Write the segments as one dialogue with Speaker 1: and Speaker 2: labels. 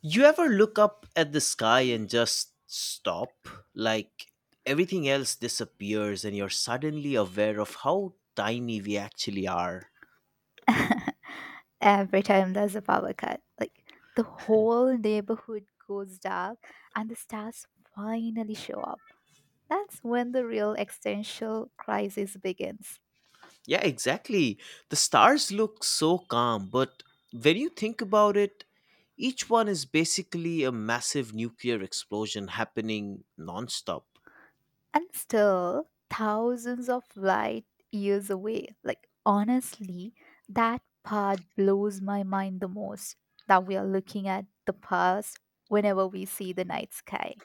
Speaker 1: You ever look up at the sky and just stop? Like everything else disappears and you're suddenly aware of how tiny we actually are.
Speaker 2: Every time there's a power cut. Like the whole neighborhood goes dark and the stars finally show up. That's when the real existential crisis begins.
Speaker 1: Yeah, exactly. The stars look so calm, but when you think about it, each one is basically a massive nuclear explosion happening nonstop.
Speaker 2: And still, thousands of light years away. Like, honestly, that part blows my mind the most that we are looking at the past whenever we see the night sky.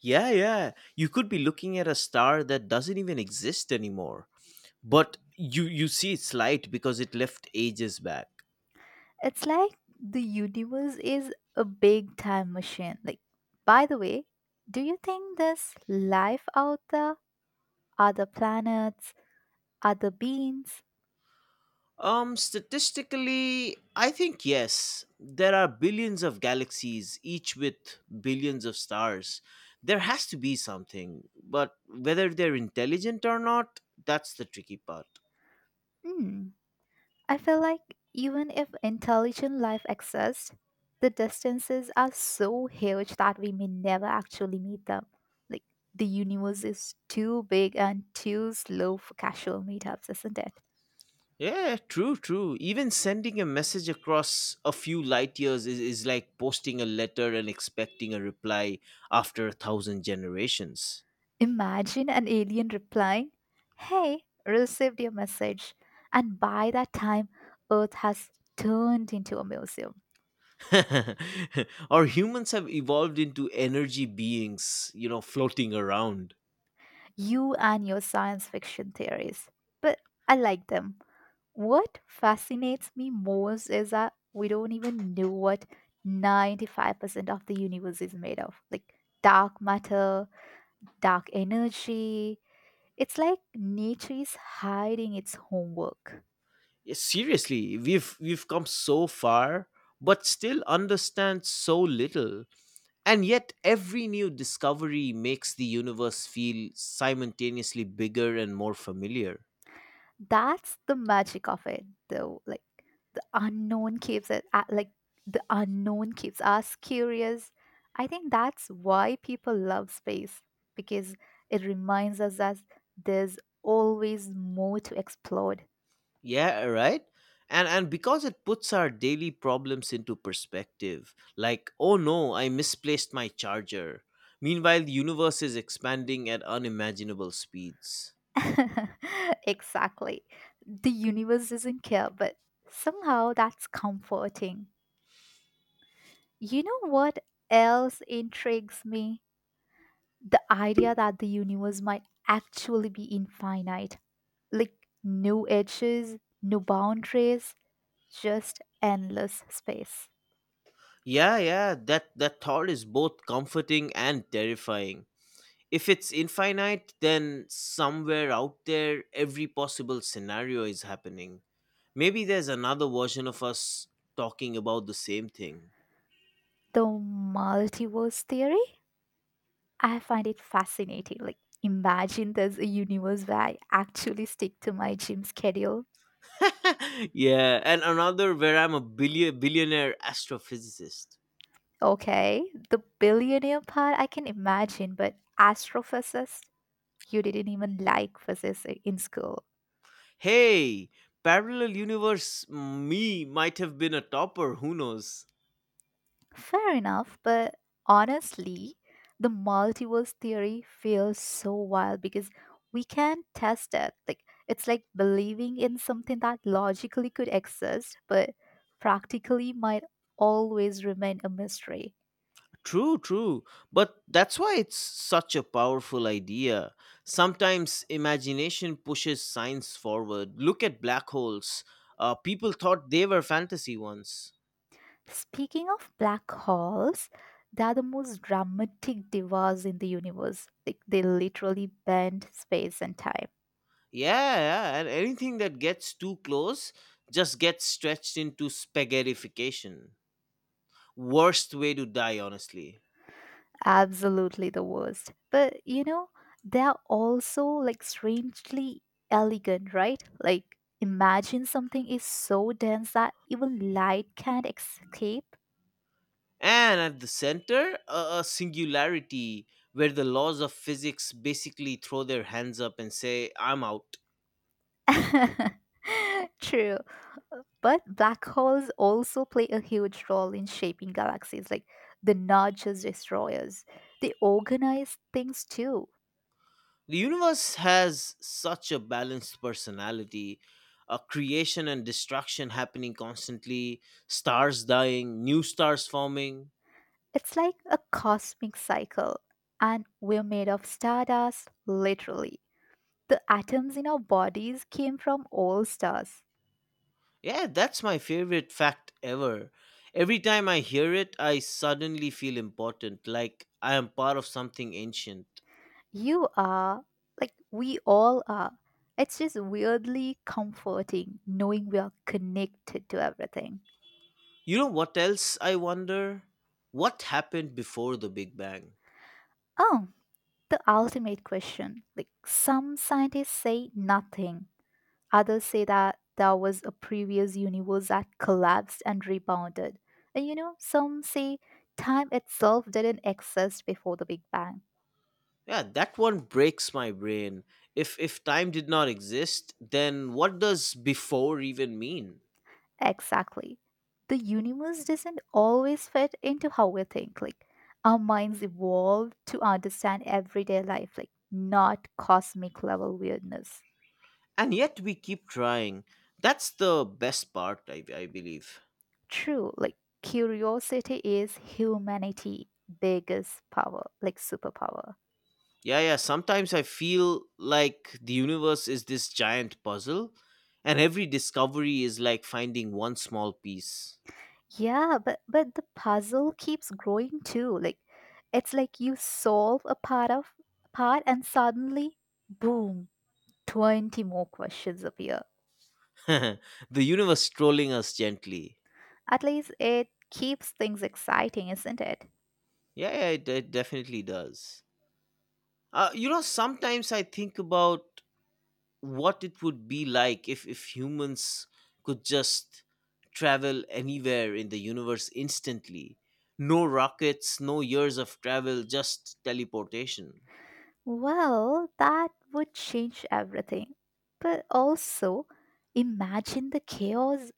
Speaker 1: Yeah, yeah. You could be looking at a star that doesn't even exist anymore, but you see its light because it left ages back.
Speaker 2: It's like the universe is a big time machine. Like, by the way, do you think there's life out there? Other planets? Other beings?
Speaker 1: Statistically, I think yes. There are billions of galaxies, each with billions of stars. There has to be something, but whether they're intelligent or not, that's the tricky part.
Speaker 2: Hmm. I feel like even if intelligent life exists, the distances are so huge that we may never actually meet them. Like, the universe is too big and too slow for casual meetups, isn't it?
Speaker 1: Yeah, true, true. Even sending a message across a few light years is like posting a letter and expecting a reply after a thousand generations.
Speaker 2: Imagine an alien replying, hey, received your message. And by that time, Earth has turned into a museum.
Speaker 1: or humans have evolved into energy beings, floating around.
Speaker 2: You and your science fiction theories. But I like them. What fascinates me most is that we don't even know what 95% of the universe is made of, like dark matter, dark energy. It's like nature is hiding its homework.
Speaker 1: Yeah, seriously we've come so far, but still understand so little, and yet every new discovery makes the universe feel simultaneously bigger and more familiar.
Speaker 2: That's the magic of it, though. Like the unknown keeps it at, like the unknown keeps us curious. I think that's why people love space because it reminds us that there's always more to explore.
Speaker 1: Yeah, right, and because it puts our daily problems into perspective, like, oh no, I misplaced my charger, meanwhile the universe is expanding at unimaginable speeds.
Speaker 2: Exactly. The universe doesn't care, but somehow that's comforting. You know what else intrigues me? The idea that the universe might actually be infinite, like new edges, new boundaries, just endless space.
Speaker 1: Yeah, yeah, that thought is both comforting and terrifying. If it's infinite, then somewhere out there, every possible scenario is happening. Maybe there's another version of us talking about the same thing.
Speaker 2: The multiverse theory, I find it fascinating. Like, imagine there's a universe where I actually stick to my gym schedule.
Speaker 1: yeah, and another where I'm a billionaire astrophysicist.
Speaker 2: Okay, the billionaire part I can imagine, but astrophysicist, you didn't even like physics in school.
Speaker 1: Hey, parallel universe me might have been a topper, who knows?
Speaker 2: Fair enough, but honestly, the multiverse theory feels so wild because we can't test it. Like, it's like believing in something that logically could exist, but practically might always remain a mystery.
Speaker 1: True, true. But that's why it's such a powerful idea. Sometimes imagination pushes science forward. Look at black holes. People thought they were fantasy once.
Speaker 2: Speaking of black holes, they're the most dramatic divas in the universe. Like they literally bend space and time.
Speaker 1: Yeah, yeah. And anything that gets too close just gets stretched into spaghettification. Worst way to die, honestly.
Speaker 2: Absolutely the worst. But you know, they're also like strangely elegant, right? Like imagine something is so dense that even light can't escape.
Speaker 1: And at the center, a singularity, where the laws of physics basically throw their hands up and say, I'm out.
Speaker 2: True. But black holes also play a huge role in shaping galaxies. Like they're not just destroyers. They organize things too.
Speaker 1: The universe has such a balanced personality, a creation and destruction happening constantly, stars dying, new stars forming.
Speaker 2: It's like a cosmic cycle. And we're made of stardust, literally. The atoms in our bodies came from all stars.
Speaker 1: Yeah, that's my favorite fact ever. Every time I hear it, I suddenly feel important, like I am part of something ancient.
Speaker 2: You are, like, we all are. It's just weirdly comforting knowing we are connected to everything.
Speaker 1: You know what else I wonder? What happened before the Big Bang?
Speaker 2: Oh, the ultimate question. Like, some scientists say nothing, others say that there was a previous universe that collapsed and rebounded. And you know, some say time itself didn't exist before the Big Bang.
Speaker 1: Yeah, that one breaks my brain. If time did not exist, then what does before even mean?
Speaker 2: Exactly. The universe doesn't always fit into how we think. Like our minds evolve to understand everyday life, like not cosmic level weirdness.
Speaker 1: And yet we keep trying. That's the best part, I believe.
Speaker 2: True, like curiosity is humanity' biggest power, like superpower.
Speaker 1: Yeah, yeah, sometimes I feel like the universe is this giant puzzle, and every discovery is like finding one small piece.
Speaker 2: Yeah, but the puzzle keeps growing too. Like it's like you solve a part of part and suddenly boom, 20 more questions appear.
Speaker 1: the universe trolling us gently.
Speaker 2: At least it keeps things exciting, isn't it?
Speaker 1: Yeah, yeah, it definitely does. You know, sometimes I think about what it would be like if humans could just travel anywhere in the universe instantly. No rockets, no years of travel, just teleportation.
Speaker 2: Well, that would change everything. But also, imagine the chaos.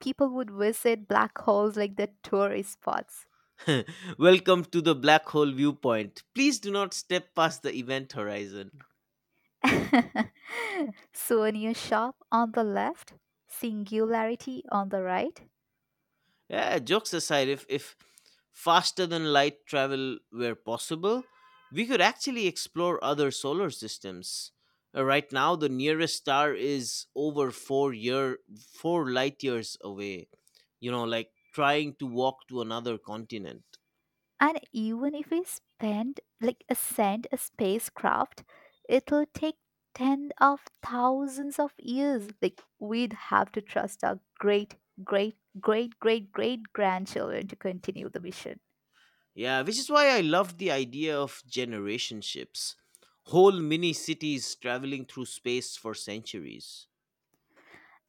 Speaker 2: People would visit black holes like the tourist spots.
Speaker 1: Welcome to the black hole viewpoint. Please do not step past the event horizon.
Speaker 2: Souvenir shop on the left, singularity on the right.
Speaker 1: Yeah, jokes aside, if faster than light travel were possible, we could actually explore other solar systems. Right now, the nearest star is over four light years away. You know, like trying to walk to another continent.
Speaker 2: And even if we spend like a send a spacecraft, it'll take tens of thousands of years. Like we'd have to trust our great, great, great, great, great grandchildren to continue the mission.
Speaker 1: Yeah, which is why I love the idea of generation ships, whole mini cities traveling through space for centuries.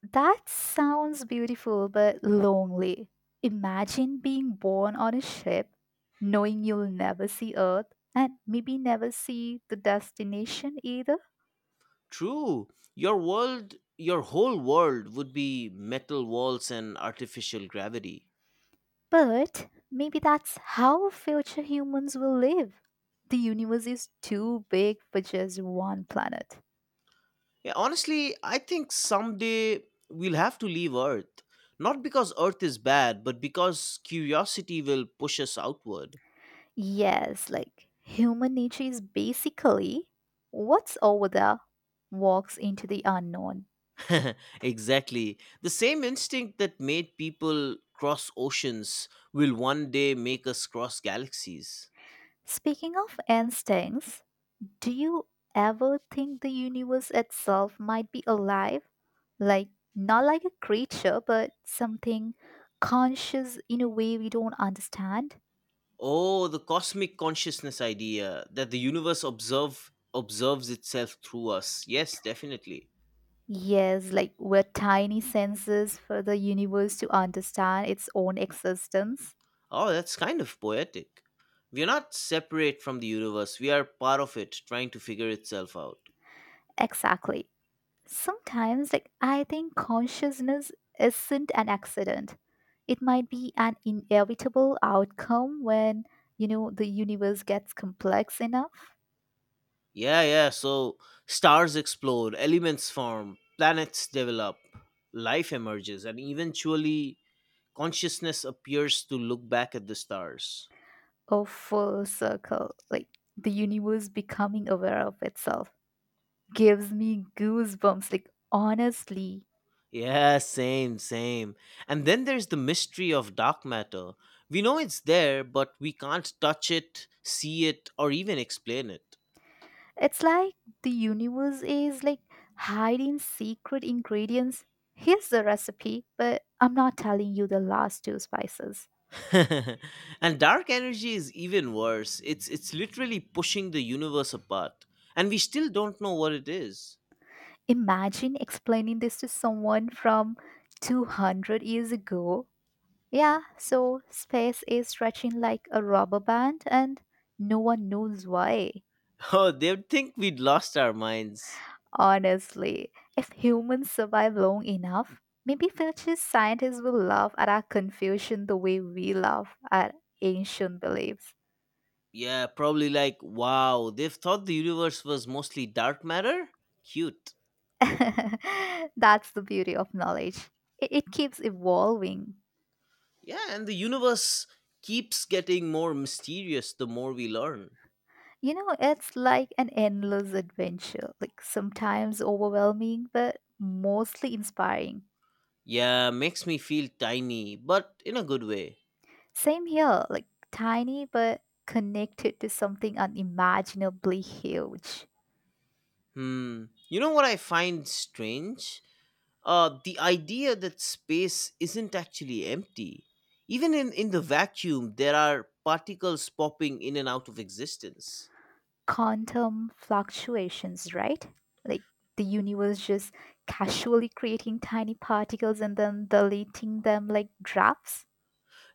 Speaker 2: That sounds beautiful but lonely. Imagine being born on a ship, knowing you'll never see Earth and maybe never see the destination either.
Speaker 1: True. Your world, your whole world would be metal walls and artificial gravity.
Speaker 2: But maybe that's how future humans will live. The universe is too big for just one planet.
Speaker 1: Yeah, honestly, I think someday we'll have to leave Earth. Not because Earth is bad, but because curiosity will push us outward.
Speaker 2: Yes, like human nature is basically what's over there, walks into the unknown.
Speaker 1: exactly. The same instinct that made people cross oceans will one day make us cross galaxies.
Speaker 2: Speaking of instincts, do you ever think the universe itself might be alive? Like, not like a creature, but something conscious in a way we don't understand?
Speaker 1: Oh, the cosmic consciousness idea, that the universe observes itself through us. Yes, definitely.
Speaker 2: Yes, like we're tiny senses for the universe to understand its own existence.
Speaker 1: Oh, that's kind of poetic. We are not separate from the universe. We are part of it, trying to figure itself out.
Speaker 2: Exactly. Sometimes, like, I think consciousness isn't an accident. It might be an inevitable outcome when, you know, the universe gets complex enough,
Speaker 1: Yeah, yeah. So stars explode, elements form, planets develop, life emerges, and eventually consciousness appears to look back at the stars.
Speaker 2: or full circle. Like, the universe becoming aware of itself gives me goosebumps, like, honestly.
Speaker 1: Yeah, same, same. And then there's the mystery of dark matter. We know it's there, but we can't touch it, see it, or even explain it.
Speaker 2: It's like the universe is like hiding secret ingredients. Here's the recipe, but I'm not telling you the last two spices.
Speaker 1: and dark energy is even worse. It's literally pushing the universe apart, and we still don't know what it is.
Speaker 2: Imagine explaining this to someone from 200 years ago. Yeah, so space is stretching like a rubber band and no one knows why.
Speaker 1: oh, they'd think we'd lost our minds.
Speaker 2: Honestly, if humans survive long enough, maybe future scientists will laugh at our confusion the way we laugh at ancient beliefs.
Speaker 1: Yeah, probably, like, wow, they've thought the universe was mostly dark matter? Cute.
Speaker 2: That's the beauty of knowledge. It keeps evolving.
Speaker 1: Yeah, and the universe keeps getting more mysterious the more we learn.
Speaker 2: You know, it's like an endless adventure, like sometimes overwhelming, but mostly inspiring.
Speaker 1: Yeah, makes me feel tiny, but in a good way.
Speaker 2: Same here, like tiny but connected to something unimaginably huge.
Speaker 1: Hmm. You know what I find strange? The idea that space isn't actually empty. Even in the vacuum, there are particles popping in and out of existence.
Speaker 2: Quantum fluctuations, right? Like the universe just casually creating tiny particles and then deleting them like drafts.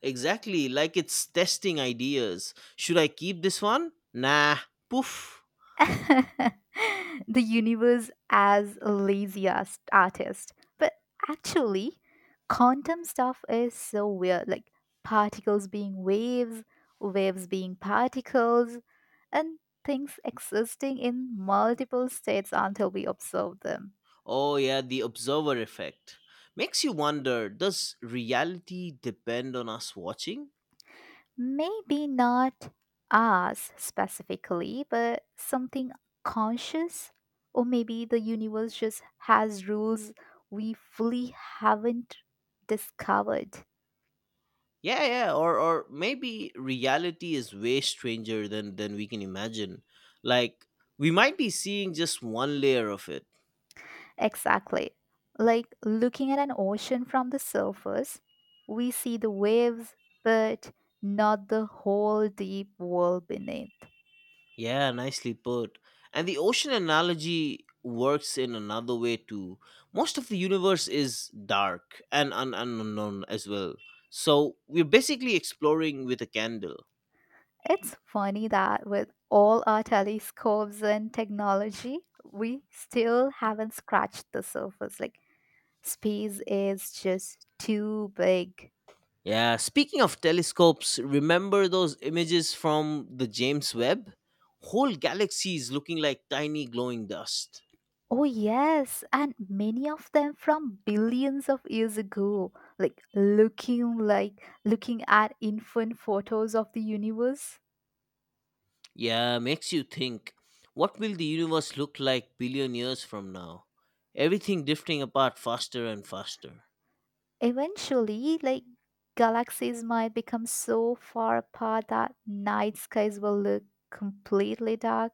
Speaker 1: Exactly, like it's testing ideas. Should I keep this one? Nah, poof.
Speaker 2: The universe as a lazy ass artist. But actually, quantum stuff is so weird, like particles being waves, waves being particles, and things existing in multiple states until we observe them.
Speaker 1: Oh, yeah, the observer effect. Makes you wonder, does reality depend on us watching?
Speaker 2: Maybe not us specifically, but something conscious, or maybe the universe just has rules we fully haven't discovered.
Speaker 1: Yeah, yeah, or maybe reality is way stranger than we can imagine. Like, we might be seeing just one layer of it.
Speaker 2: Exactly. Like looking at an ocean from the surface, we see the waves, but not the whole deep world beneath.
Speaker 1: Yeah, nicely put. And the ocean analogy works in another way too. Most of the universe is dark and unknown as well. So, we're basically exploring with a candle.
Speaker 2: It's funny that with all our telescopes and technology, we still haven't scratched the surface. Like, space is just too big.
Speaker 1: Yeah, speaking of telescopes, remember those images from the James Webb? Whole galaxies looking like tiny glowing dust.
Speaker 2: Oh, yes, and many of them from billions of years ago, like looking at infant photos of the universe.
Speaker 1: Yeah, makes you think, what will the universe look like billion years from now? Everything drifting apart faster and faster.
Speaker 2: Eventually, like galaxies might become so far apart that night skies will look completely dark.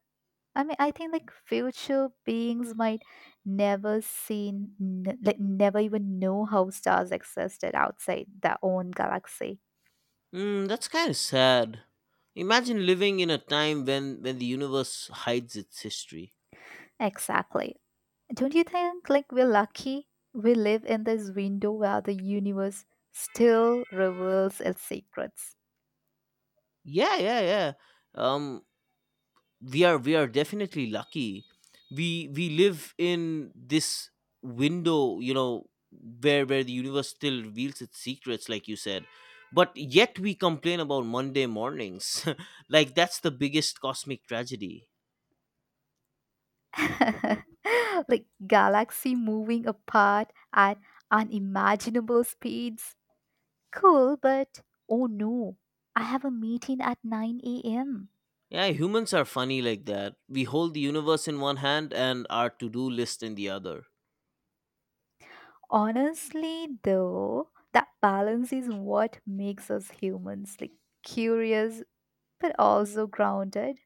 Speaker 2: I mean, I think like future beings might never seen, n- like never even know how stars existed outside their own galaxy.
Speaker 1: Hmm, that's kind of sad. Imagine living in a time when the universe hides its history.
Speaker 2: Exactly. Don't you think like we're lucky? We live in this window where the universe still reveals its secrets.
Speaker 1: Yeah, yeah, yeah. Um we are definitely lucky. We live in this window, where the universe still reveals its secrets, like you said. But yet we complain about Monday mornings. like that's the biggest cosmic tragedy.
Speaker 2: Like galaxy moving apart at unimaginable speeds. Cool, but oh no, I have a meeting at 9 a.m.
Speaker 1: Yeah, humans are funny like that. We hold the universe in one hand and our to-do list in the other.
Speaker 2: Honestly, though, that balance is what makes us humans, like curious but also grounded.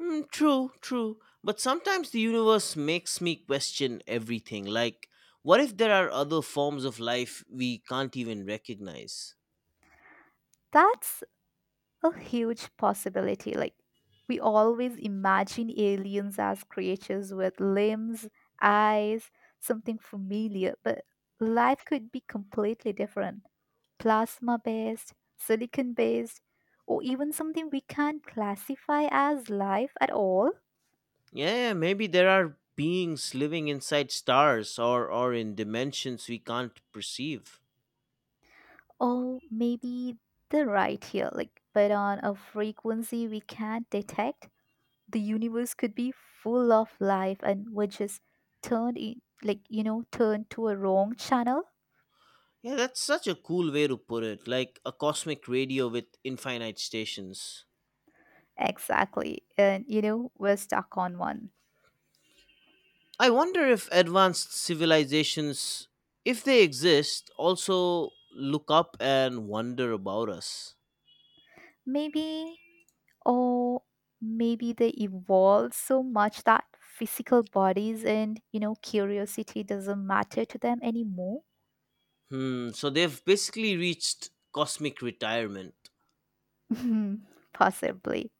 Speaker 1: Mm, true, true. But sometimes the universe makes me question everything. Like, what if there are other forms of life we can't even recognize?
Speaker 2: That's a huge possibility. Like, we always imagine aliens as creatures with limbs, eyes, something familiar, but life could be completely different, plasma based, silicon based, or even something we can't classify as life at all.
Speaker 1: Yeah, maybe there are beings living inside stars, or in dimensions we can't perceive.
Speaker 2: Or maybe they're right here, like, but on a frequency we can't detect. The universe could be full of life and we're just turned in, like, you know, turned to a wrong channel.
Speaker 1: Yeah, that's such a cool way to put it, like a cosmic radio with infinite stations.
Speaker 2: Exactly. And, you know, we're stuck on one.
Speaker 1: I wonder if advanced civilizations, if they exist, also look up and wonder about us.
Speaker 2: Maybe, or maybe they evolved so much that physical bodies and, you know, curiosity doesn't matter to them anymore.
Speaker 1: Hmm, so they've basically reached cosmic retirement.
Speaker 2: Possibly.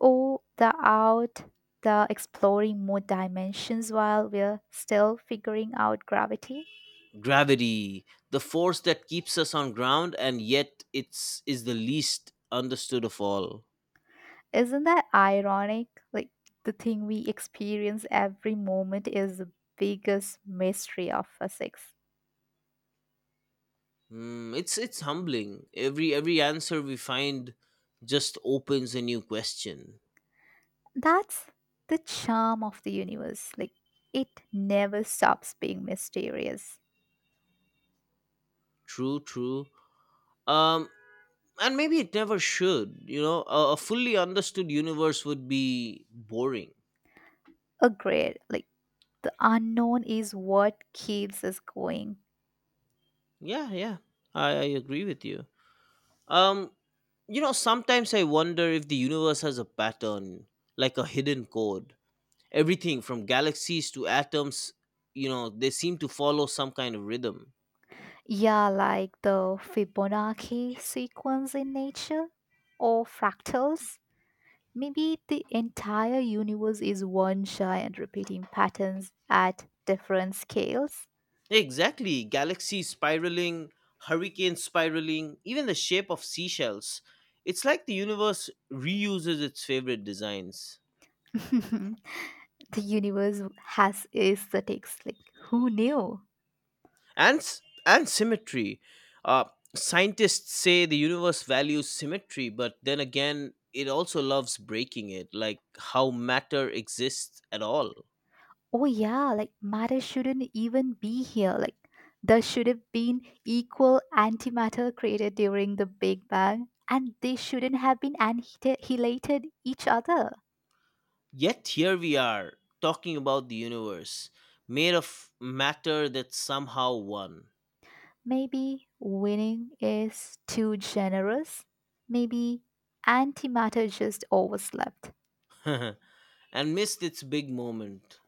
Speaker 2: Oh, the out, the exploring more dimensions while we're still figuring out gravity.
Speaker 1: Gravity, the force that keeps us on ground, and yet it's is the least understood of all.
Speaker 2: Isn't that ironic? Like, the thing we experience every moment is the biggest mystery of physics.
Speaker 1: Hmm, it's humbling. Every answer we find just opens a new question.
Speaker 2: That's the charm of the universe. Like, it never stops being mysterious.
Speaker 1: True, true. Um and maybe it never should. A fully understood universe would be boring.
Speaker 2: Agreed. Like, the unknown is what keeps us going.
Speaker 1: Yeah, yeah. I agree with you. Um, you know, sometimes I wonder if the universe has a pattern, like a hidden code. Everything from galaxies to atoms, they seem to follow some kind of rhythm.
Speaker 2: Yeah, like the Fibonacci sequence in nature or fractals. Maybe the entire universe is one giant repeating patterns at different scales.
Speaker 1: Exactly. Galaxies spiraling, hurricanes spiraling, even the shape of seashells. It's like the universe reuses its favorite designs.
Speaker 2: The universe has aesthetics. Like, who knew?
Speaker 1: And symmetry, uh, scientists say the universe values symmetry, but then again it also loves breaking it, like how matter exists at all.
Speaker 2: Oh, yeah, like matter shouldn't even be here. Like, there should have been equal antimatter created during the Big Bang, and they shouldn't have been annihilated each other.
Speaker 1: Yet here we are, talking about the universe, made of matter that somehow won.
Speaker 2: Maybe winning is too generous. Maybe antimatter just overslept.
Speaker 1: and missed its big moment.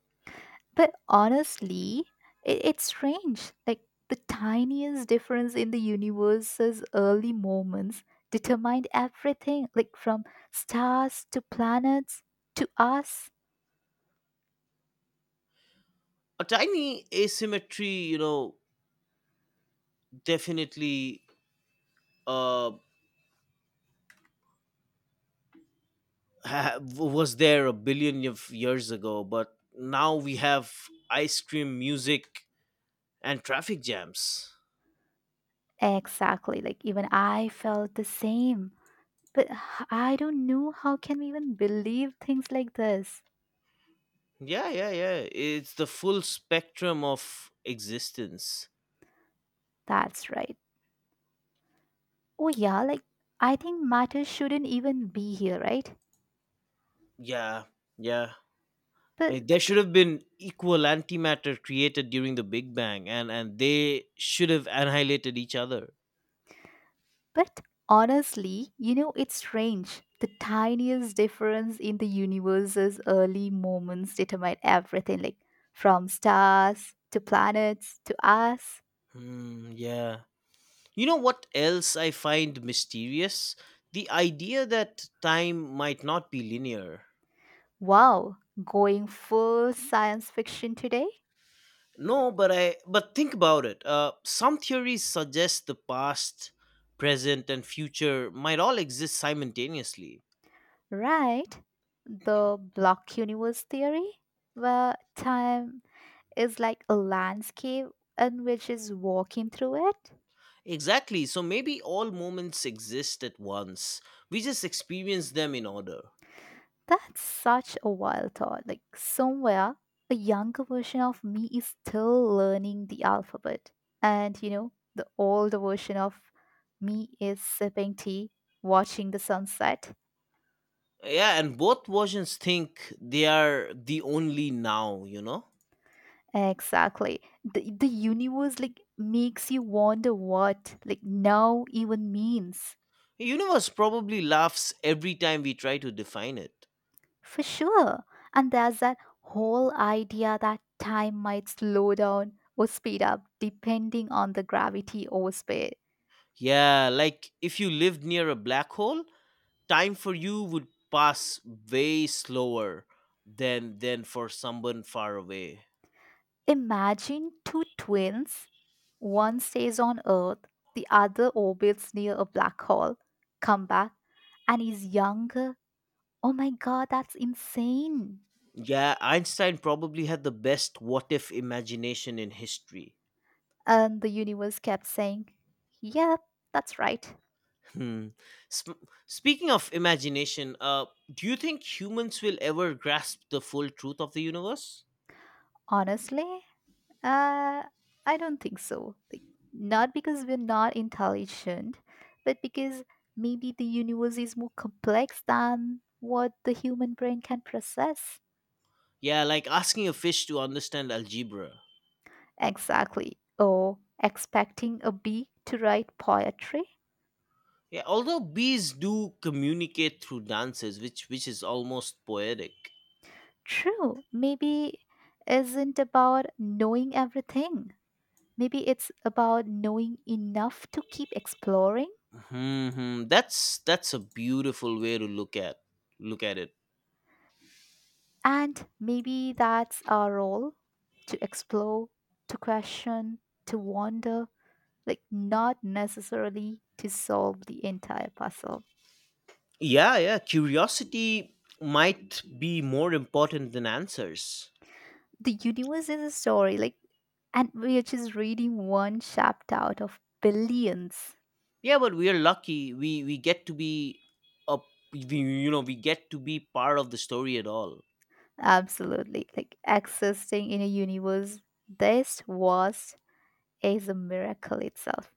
Speaker 2: But honestly, it's strange. Like the tiniest difference in the universe's early moments determined everything, like from stars to planets to us.
Speaker 1: A tiny asymmetry, you know, definitely, uh was there a billion of years ago, but now we have ice cream, music, and traffic jams.
Speaker 2: Exactly. Like even I felt the same. But I don't know how can we even believe things like this.
Speaker 1: Yeah, yeah, yeah. It's the full spectrum of existence.
Speaker 2: That's right. Oh yeah, like I think matter shouldn't even be here, right?
Speaker 1: Yeah, yeah. I
Speaker 2: But
Speaker 1: mean, there should have been equal antimatter created during the Big Bang, and they should have annihilated each other.
Speaker 2: but honestly, you know, it's strange. The tiniest difference in the universe's early moments determine everything, like from stars to planets to us.
Speaker 1: Hmm, yeah. You know what else I find mysterious? The idea that time might not be linear.
Speaker 2: Wow, going full science fiction today,
Speaker 1: No, but I but think about it. Some theories suggest the past, present, and future might all exist simultaneously.
Speaker 2: right? The block universe theory, where time is like a landscape and which is walking through it.
Speaker 1: Exactly. So maybe all moments exist at once. We just experience them in order.
Speaker 2: That's such a wild thought. Like, somewhere, a younger version of me is still learning the alphabet. And, you know, the older version of me is sipping tea, watching the sunset.
Speaker 1: Yeah, and both versions think they are the only now, you know?
Speaker 2: Exactly. The universe, like, makes you wonder what, like, now even means.
Speaker 1: The universe probably laughs every time we try to define it.
Speaker 2: For sure. And there's that whole idea that time might slow down or speed up depending on the gravity or space.
Speaker 1: Yeah, like if you lived near a black hole, time for you would pass way slower than for someone far away.
Speaker 2: Imagine two twins. One stays on Earth, the other orbits near a black hole. Come back, and he's younger. Oh my god, that's insane.
Speaker 1: Yeah, Einstein probably had the best what if imagination in history.
Speaker 2: And the universe kept saying, yep, that's right.
Speaker 1: Hmm. Speaking of imagination, do you think humans will ever grasp the full truth of the universe?
Speaker 2: Honestly, uh, I don't think so. Like, not because we're not intelligent, but because maybe the universe is more complex than what the human brain can process.
Speaker 1: Yeah, like asking a fish to understand algebra.
Speaker 2: Exactly. Or expecting a bee to write poetry?
Speaker 1: Yeah, although bees do communicate through dances, which is almost poetic.
Speaker 2: True, maybe isn't about knowing everything. Maybe it's about knowing enough to keep exploring.
Speaker 1: Hmm. That's a beautiful way to look at it.
Speaker 2: And maybe that's our role, to explore, to question, to wonder, like not necessarily to solve the entire puzzle.
Speaker 1: Yeah, yeah. Curiosity might be more important than answers.
Speaker 2: The universe is a story, like, and we are just reading one chapter out of billions.
Speaker 1: Yeah, but we are lucky. We get to be a we, we get to be part of the story at all.
Speaker 2: Absolutely. Like existing in a universe this vast is a miracle itself.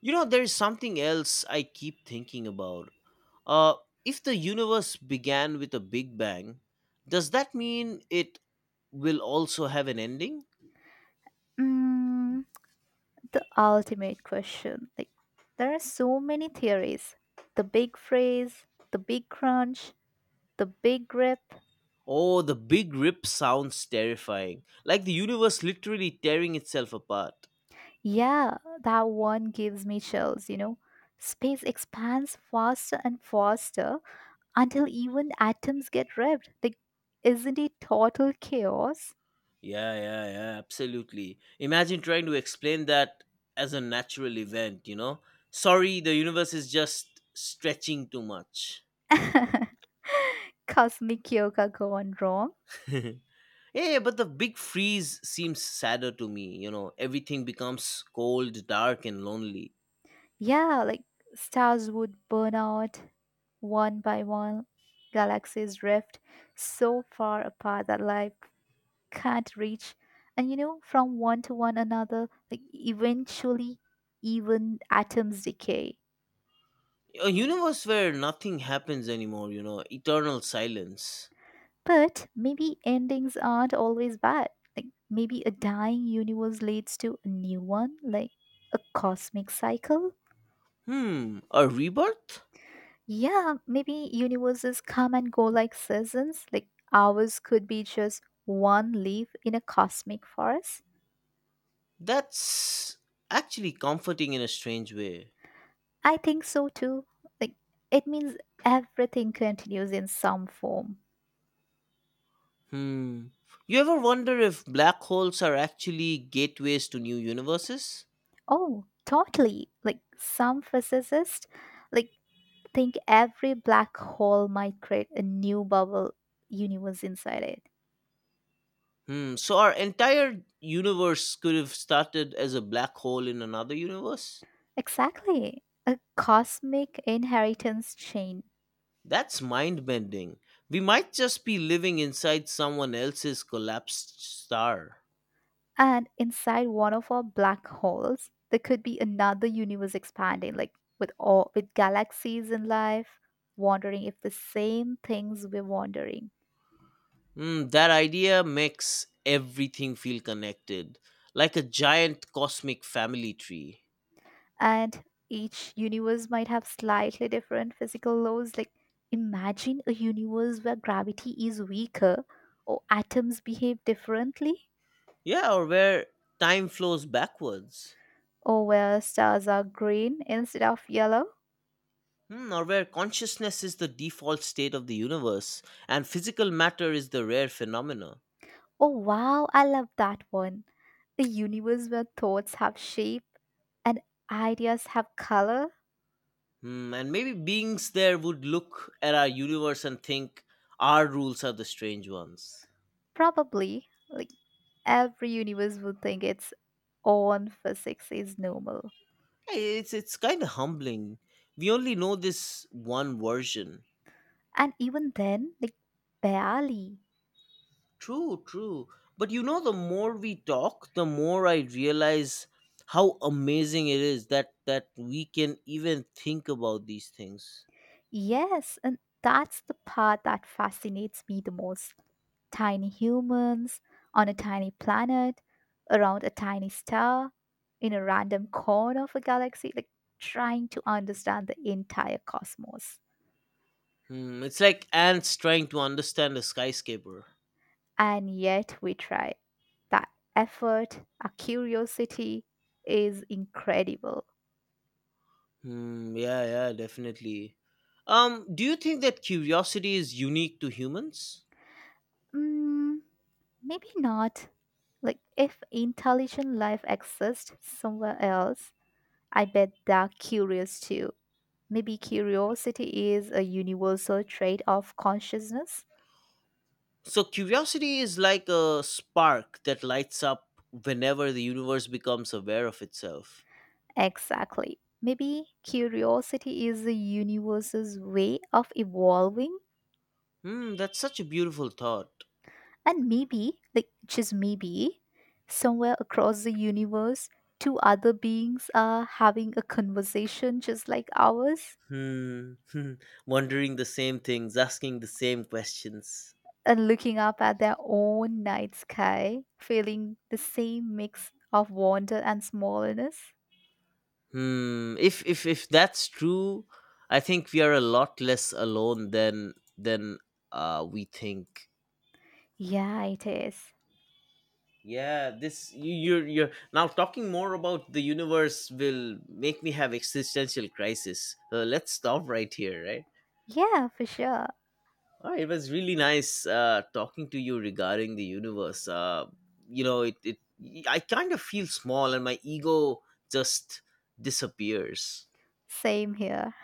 Speaker 1: You know, there is something else I keep thinking about. Uh, if the universe began with a big bang, does that mean it will also have an ending?
Speaker 2: Mm, the ultimate question. Like there are so many theories. The big freeze, the big crunch, the big grip.
Speaker 1: Oh, the big rip sounds terrifying. Like the universe literally tearing itself apart.
Speaker 2: Yeah, that one gives me chills, you know. Space expands faster and faster until even atoms get ripped. Like isn't it total chaos?
Speaker 1: Yeah, yeah, yeah, absolutely. Imagine trying to explain that as a natural event, you know? Sorry, the universe is just stretching too much.
Speaker 2: Cosmic yoga gone wrong.
Speaker 1: yeah, yeah, but the big freeze seems sadder to me, you know? Everything becomes cold, dark, and lonely.
Speaker 2: Yeah, like stars would burn out one by one, galaxies drift so far apart that life can't reach. And you know, from one to one another, like eventually, even atoms decay.
Speaker 1: A universe where nothing happens anymore, you know? Eternal silence.
Speaker 2: But maybe endings aren't always bad. Like maybe a dying universe leads to a new one, like a cosmic cycle.
Speaker 1: Hmm, a rebirth?
Speaker 2: Yeah, maybe universes come and go like seasons, like ours could be just one leaf in a cosmic forest.
Speaker 1: That's actually comforting in a strange way.
Speaker 2: I think so too. Like it means everything continues in some form.
Speaker 1: Hmm. You ever wonder if black holes are actually gateways to new universes?
Speaker 2: Oh, totally. Like some physicists like think every black hole might create a new bubble universe inside it.
Speaker 1: Hmm. So our entire universe could have started as a black hole in another universe?
Speaker 2: Exactly. A cosmic inheritance chain.
Speaker 1: That's mind bending. We might just be living inside someone else's collapsed star.
Speaker 2: And inside one of our black holes, there could be another universe expanding, like with all with galaxies in life, wondering if the same things we're wondering.
Speaker 1: Hmm, that idea makes everything feel connected, like a giant cosmic family tree.
Speaker 2: And each universe might have slightly different physical laws. Like imagine a universe where gravity is weaker, or atoms behave differently,
Speaker 1: Yeah, or where time flows backwards.
Speaker 2: or where stars are green instead of yellow.
Speaker 1: Hmm, or where consciousness is the default state of the universe and physical matter is the rare phenomena.
Speaker 2: Oh wow, I love that one. A universe where thoughts have shape and ideas have color?
Speaker 1: Hmm, and maybe beings there would look at our universe and think our rules are the strange ones.
Speaker 2: Probably. Like every universe would think its own physics is normal.
Speaker 1: Hey, it's kind of humbling. We only know this one version.
Speaker 2: And even then, like barely.
Speaker 1: True, true. But you know, the more we talk, the more I realize how amazing it is that we can even think about these things.
Speaker 2: Yes, and that's the part that fascinates me the most. Tiny humans on a tiny planet around a tiny star in a random corner of a galaxy, like trying to understand the entire cosmos.
Speaker 1: Hmm, it's like ants trying to understand a skyscraper.
Speaker 2: And yet we try. That effort, our curiosity is incredible.
Speaker 1: Hmm, yeah, yeah, definitely. Do you think that curiosity is unique to humans?
Speaker 2: Mm, maybe not. Like, if intelligent life exists somewhere else, I bet they're curious too. Maybe curiosity is a universal trait of consciousness?
Speaker 1: So curiosity is like a spark that lights up whenever the universe becomes aware of itself.
Speaker 2: Exactly. Maybe curiosity is the universe's way of evolving,
Speaker 1: Hmm, that's such a beautiful thought.
Speaker 2: and maybe, like just maybe, somewhere across the universe, two other beings are having a conversation just like ours
Speaker 1: Hmm, wondering the same things, asking the same questions.
Speaker 2: and looking up at their own night sky, feeling the same mix of wonder and smallness.
Speaker 1: Hmm. If that's true, I think we are a lot less alone than we think.
Speaker 2: Yeah, it is.
Speaker 1: Yeah. This you're now talking more about the universe will make me have existential crisis. Let's stop right here. Right.
Speaker 2: Yeah, for sure.
Speaker 1: Oh, it was really nice talking to you regarding the universe. You know, it I kind of feel small, and my ego just disappears.
Speaker 2: Same here.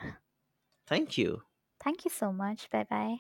Speaker 1: Thank you.
Speaker 2: Thank you so much. Bye bye.